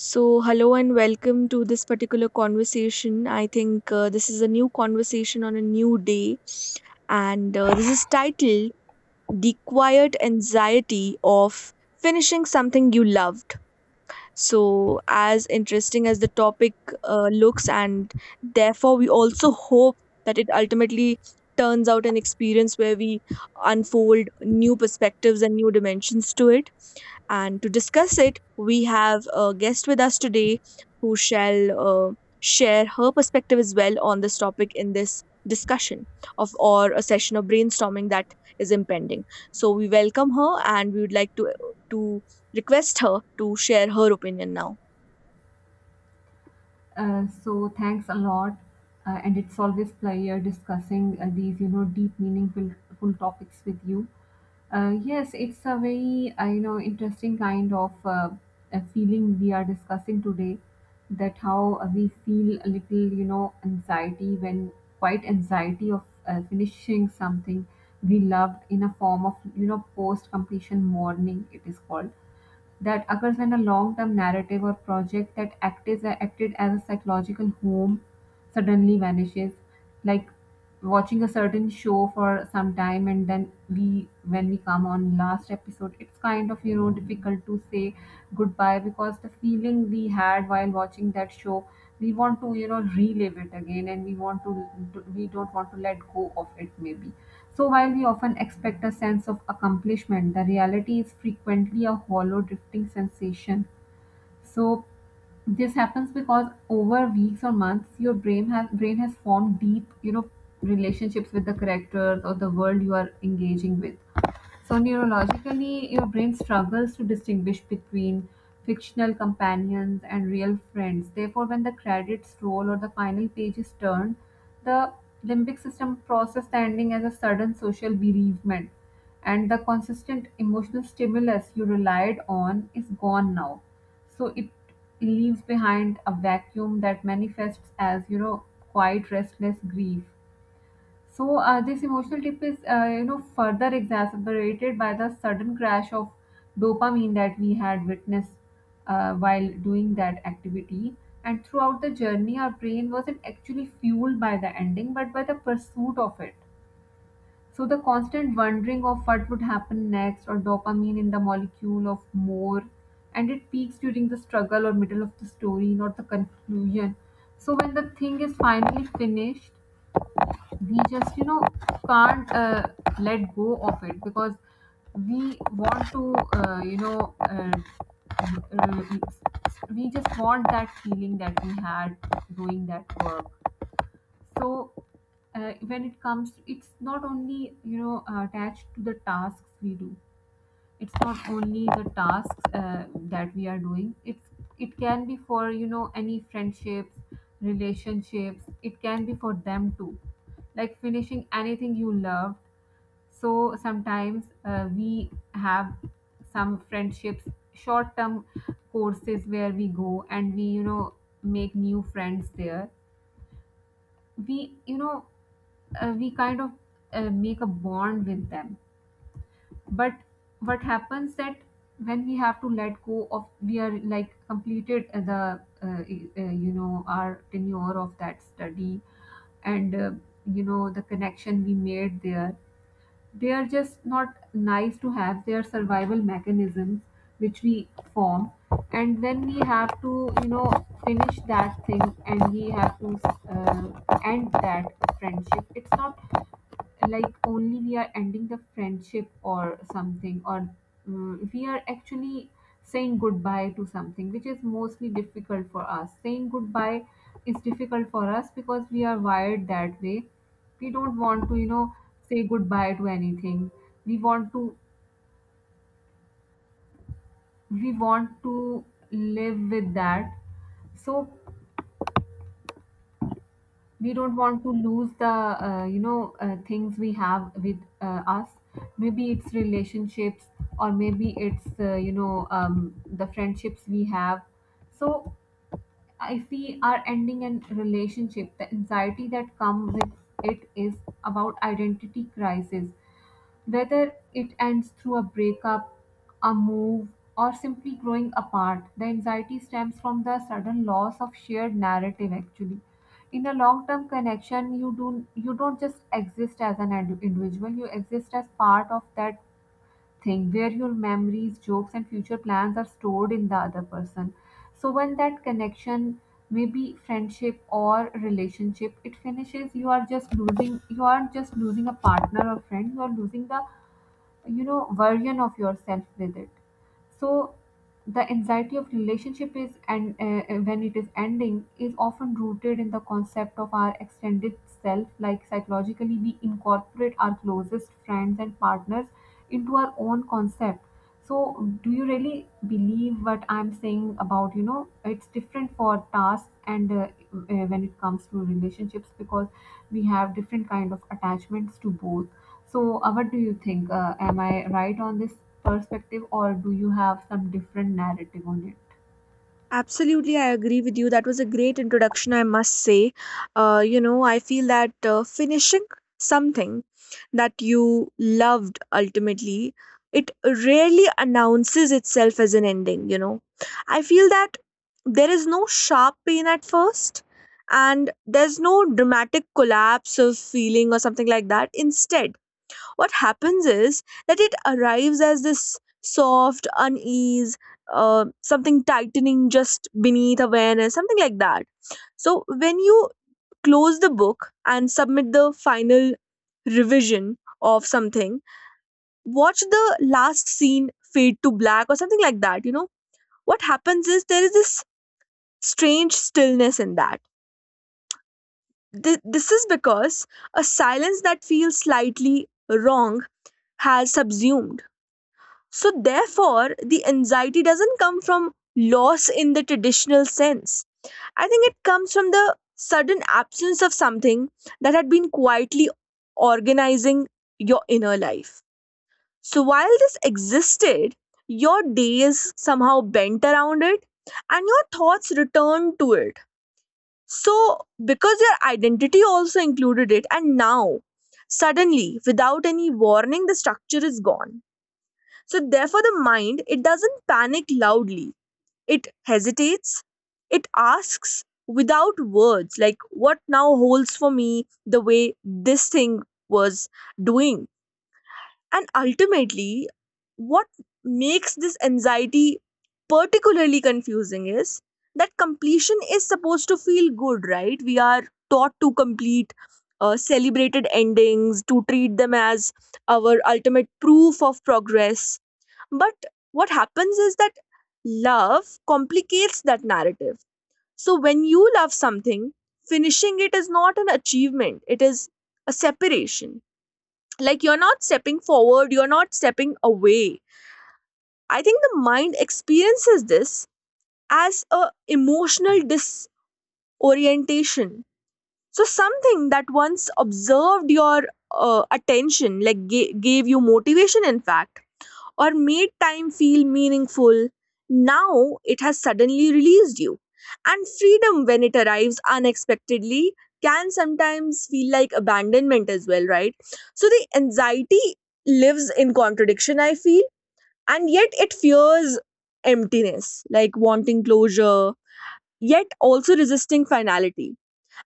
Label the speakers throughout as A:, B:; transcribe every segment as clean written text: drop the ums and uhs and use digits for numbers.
A: So, hello and welcome to this particular conversation. I think this is a new conversation on a new day, and this is titled The Quiet Anxiety of Finishing Something You Love. So, as interesting as the topic looks, and therefore, we also hope that it ultimately turns out an experience where we unfold new perspectives and new dimensions to it. And to discuss it, we have a guest with us today who shall uh, share her perspective as well on this topic in this discussion of or a session of brainstorming that is impending. So we welcome her and we would like to request her to share her opinion now.
B: So thanks a lot, and it's always pleasure discussing these, deep, meaningful full topics with you. Yes, it's a very, interesting kind of a feeling we are discussing today. That how we feel a little anxiety when quite anxiety of finishing something we loved in a form of, post completion mourning. It is called that occurs when a long-term narrative or project that acted as a psychological home suddenly vanishes, like watching a certain show for some time, and then we when we come on last episode, it's kind of difficult to say goodbye, because the feeling we had while watching that show, we want to relive it again, and we don't want to let go of it maybe. So, while we often expect a sense of accomplishment, the reality is frequently a hollow, drifting sensation. So, this happens because over weeks or months, your brain has formed deep, relationships with the characters or the world you are engaging with. So, neurologically, your brain struggles to distinguish between fictional companions and real friends. Therefore, when the credits roll or the final page is turned, the limbic system processes the ending as a sudden social bereavement, and the consistent emotional stimulus you relied on is gone now. So, it leaves behind a vacuum that manifests as quiet, restless grief. So this emotional dip is, further exacerbated by the sudden crash of dopamine that we had witnessed while doing that activity. And throughout the journey, our brain wasn't actually fueled by the ending, but by the pursuit of it. So the constant wondering of what would happen next, or dopamine in the molecule of more, and it peaks during the struggle or middle of the story, not the conclusion. So when the thing is finally finished, we just can't let go of it, because we want to you know uh, we just want that feeling that we had doing that work. So when it comes, it's not only attached to the tasks we do. It's not only the tasks that we are doing, it's, it can be for any friendships, relationships, it can be for them too, like finishing anything you loved. So sometimes we have some friendships, short term courses where we go and we make new friends there. We you know uh, we kind of make a bond with them. But what happens that, when we have to let go of, we are like completed the our tenure of that study, and the connection we made there, they are just not nice to have. They are survival mechanisms which we form. And then we have to finish that thing, and we have to uh, end that friendship. It's not like only we are ending the friendship or something, or we are actually saying goodbye to something, which is mostly difficult for us. Saying goodbye is difficult for us because we are wired that way. We don't want to say goodbye to anything. We want to we want to live with that. So we don't want to lose the things we have with us. Maybe it's relationships, or maybe it's the friendships we have. So if we are ending a relationship, the anxiety that comes with it is about identity crisis. Whether it ends through a breakup, a move, or simply growing apart, the anxiety stems from the sudden loss of shared narrative actually. In a long-term connection, you don't just exist as an individual, you exist as part of that thing, where your memories, jokes, and future plans are stored in the other person. So when that connection, maybe friendship or relationship, it finishes, you aren't just losing a partner or friend, you are losing the version of yourself with it. So the anxiety of relationship is and when it is ending is often rooted in the concept of our extended self, like psychologically we incorporate our closest friends and partners into our own concept. So, do you really believe what I'm saying about it's different for tasks, and when it comes to relationships, because we have different kind of attachments to both. So, what do you think? Am I right on this perspective, or do you have some different narrative on it?
A: Absolutely, I agree with you. That was a great introduction, I must say. You know, I feel that finishing something that you loved it rarely announces itself as an ending, you know. I feel that there is no sharp pain at first, and there's no dramatic collapse of feeling or something like that. Instead, what happens is that it arrives as this soft unease, something tightening just beneath awareness, something like that. So when you close the book and submit the final revision of something, watch the last scene fade to black or something like that. You know, what happens is there is this strange stillness in that. This is because a silence that feels slightly wrong has subsumed. So, therefore, the anxiety doesn't come from loss in the traditional sense. I think it comes from the sudden absence of something that had been quietly organizing your inner life. So, while this existed, your days somehow bent around it and your thoughts returned to it. So, because your identity also included it, and now, suddenly, without any warning, the structure is gone. So, therefore, the mind, it doesn't panic loudly. It hesitates. It asks without words, like, what now holds for me the way this thing was doing? And ultimately, what makes this anxiety particularly confusing is that completion is supposed to feel good, right? We are taught to complete celebrated endings, to treat them as our ultimate proof of progress, but what happens is that love complicates that narrative. So when you love something, finishing it is not an achievement, it is a separation. Like you're not stepping forward, you're not stepping away. I think the mind experiences this as a emotional disorientation. So something that once observed your attention, like gave you motivation, in fact, or made time feel meaningful. Now it has suddenly released you. And freedom, when it arrives unexpectedly, can sometimes feel like abandonment as well, right? So the anxiety lives in contradiction, I feel, and yet it fears emptiness, like wanting closure, yet also resisting finality.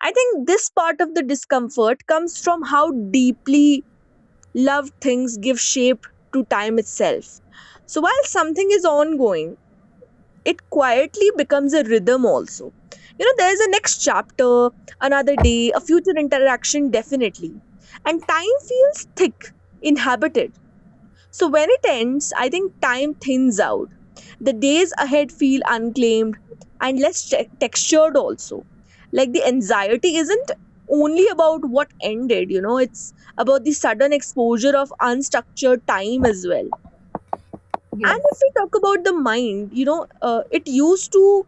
A: I think this part of the discomfort comes from how deeply love things give shape to time itself. So while something is ongoing, it quietly becomes a rhythm also. You know, there is a next chapter, another day, a future interaction definitely. And time feels thick, inhabited. So when it ends, I think time thins out, the days ahead feel unclaimed and less textured, also. Like the anxiety isn't only about what ended, you know, it's about the sudden exposure of unstructured time as well. And
B: Yes,
A: if we talk about the mind, you know,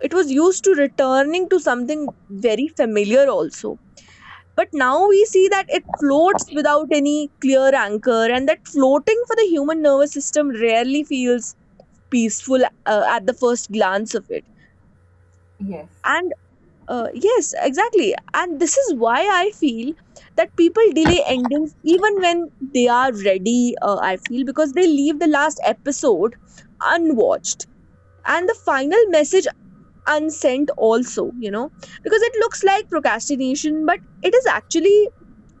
A: it was used to returning to something very familiar also. But now we see that it floats without any clear anchor, and that floating for the human nervous system rarely feels peaceful at the first glance of it.
B: yes.
A: And yes, exactly, and this is why I feel that people delay endings even when they are ready, I feel, because they leave the last episode unwatched and the final message unsent also, you know, because it looks like procrastination, but it is actually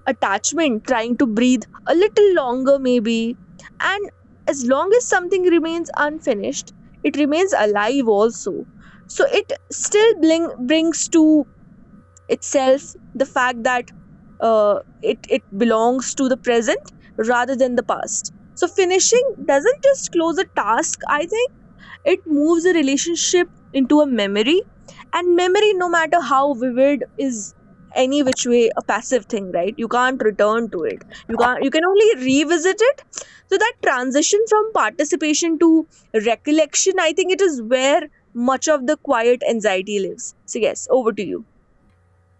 A: attachment trying to breathe a little longer maybe. And as long as something remains unfinished, it remains alive also. So it still brings to itself the fact that it belongs to the present rather than the past. So finishing doesn't just close a task, I think it moves a relationship into a memory, and memory, no matter how vivid, is any which way a passive thing, right? You can't return to it, you can't you can only revisit it. So that transition from participation to recollection, I think it is where much of the quiet anxiety lives. So yes, over to you.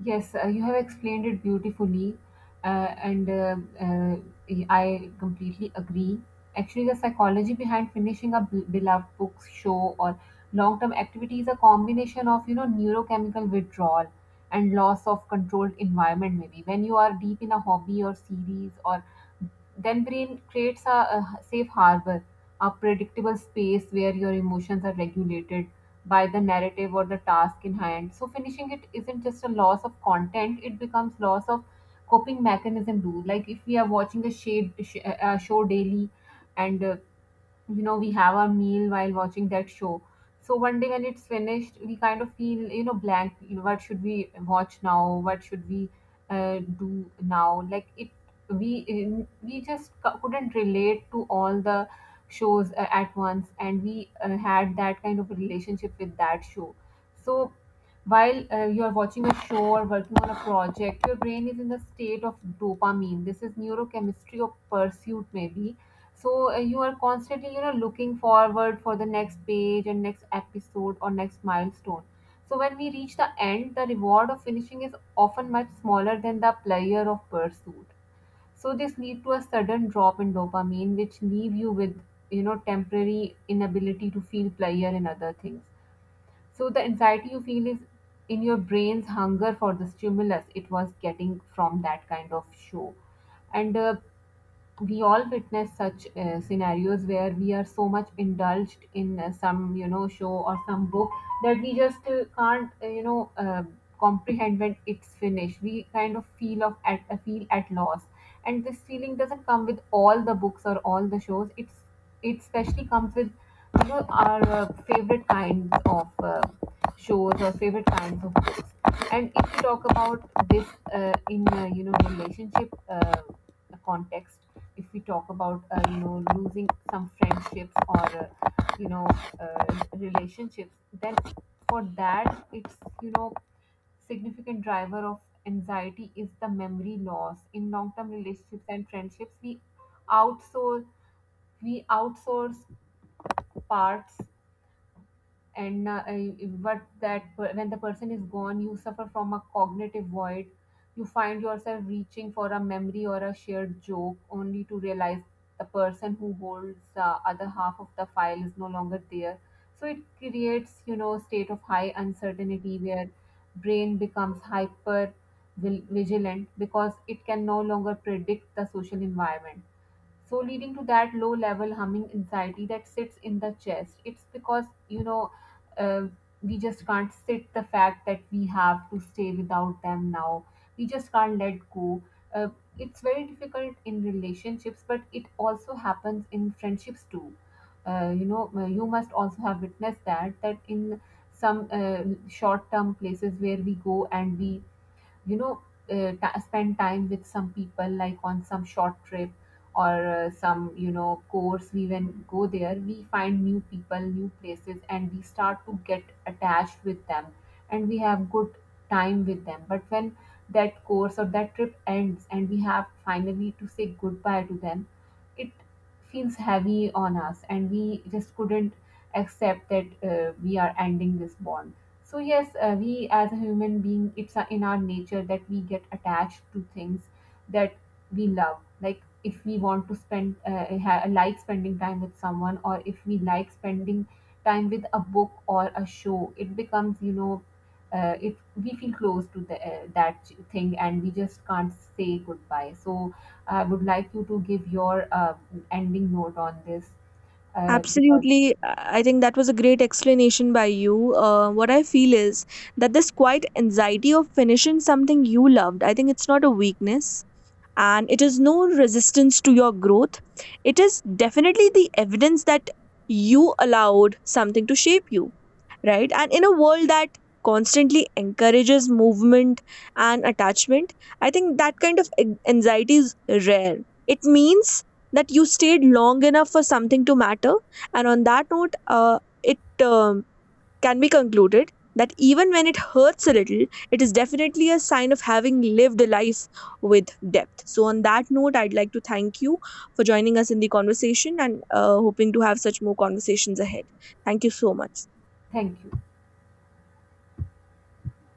B: Yes, you have explained it beautifully, and I completely agree. Actually, the psychology behind finishing a beloved book, show, or long-term activity is a combination of neurochemical withdrawal and loss of controlled environment. Maybe when you are deep in a hobby or series, or then brain creates a safe harbor, a predictable space where your emotions are regulated by the narrative or the task in hand. So finishing it isn't just a loss of content; it becomes loss of coping mechanism too. Like if we are watching a a show daily, and we have our meal while watching that show. So one day when it's finished, we kind of feel blank. What should we watch now? What should we do now? Like it, we couldn't relate to all the shows at once, and we had that kind of a relationship with that show. So while you are watching a show or working on a project, your brain is in the state of dopamine. This is neurochemistry of pursuit maybe. So you are constantly, looking forward for the next page and next episode or next milestone. So when we reach the end, the reward of finishing is often much smaller than the pleasure of pursuit. So this lead to a sudden drop in dopamine, which leave you with, temporary inability to feel pleasure in other things. So the anxiety you feel is in your brain's hunger for the stimulus it was getting from that kind of show, and we all witness such scenarios where we are so much indulged in some show or some book, that we just can't comprehend. When it's finished, we kind of feel at loss. And this feeling doesn't come with all the books or all the shows. It especially comes with our favorite kinds of shows or favorite kinds of books. And if you talk about this in relationship, the context, if we talk about losing some friendships or you know uh, relationships, then for that, it's you know significant driver of anxiety is the memory loss in long-term relationships and friendships. We outsource we outsource parts, and but when the person is gone, you suffer from a cognitive void. You find yourself reaching for a memory or a shared joke, only to realize the person who holds the other half of the file is no longer there. So it creates state of high uncertainty, where brain becomes hyper vigilant because it can no longer predict the social environment. So leading to that low level humming anxiety that sits in the chest. It's because uh, we just can't sit the fact that we have to stay without them now. We just can't let go. uh, it's very difficult in relationships, but it also happens in friendships too. You must also have witnessed that, that in some short term places where we go and we you know ta spend time with some people, like on some short trip, or some course, we when go there, we find new people, new places, and we start to get attached with them. And we have good time with them. But when that course or that trip ends and we have finally to say goodbye to them, it feels heavy on us, and we just couldn't accept that we are ending this bond. So yes, we as a human being, it's in our nature that we get attached to things that we love. Like if we want to like spending time with someone, or if we like spending time with a book or a show, it becomes if we feel close to that thing, and we just can't say goodbye. So I would like you to give your ending note on this, because
A: Absolutely. I think that was a great explanation by you. What I feel is that this quiet anxiety of finishing something you loved, I think it's not a weakness and it is no resistance to your growth. It is definitely the evidence that you allowed something to shape you, right? And in a world that constantly encourages movement and attachment, I think that kind of anxiety is rare. It means that you stayed long enough for something to matter. And on that note, it can be concluded that even when it hurts a little, it is definitely a sign of having lived a life with depth. So, on that note, I'd like to thank you for joining us in the conversation and hoping to have such more conversations ahead. Thank you so much.
B: thank you.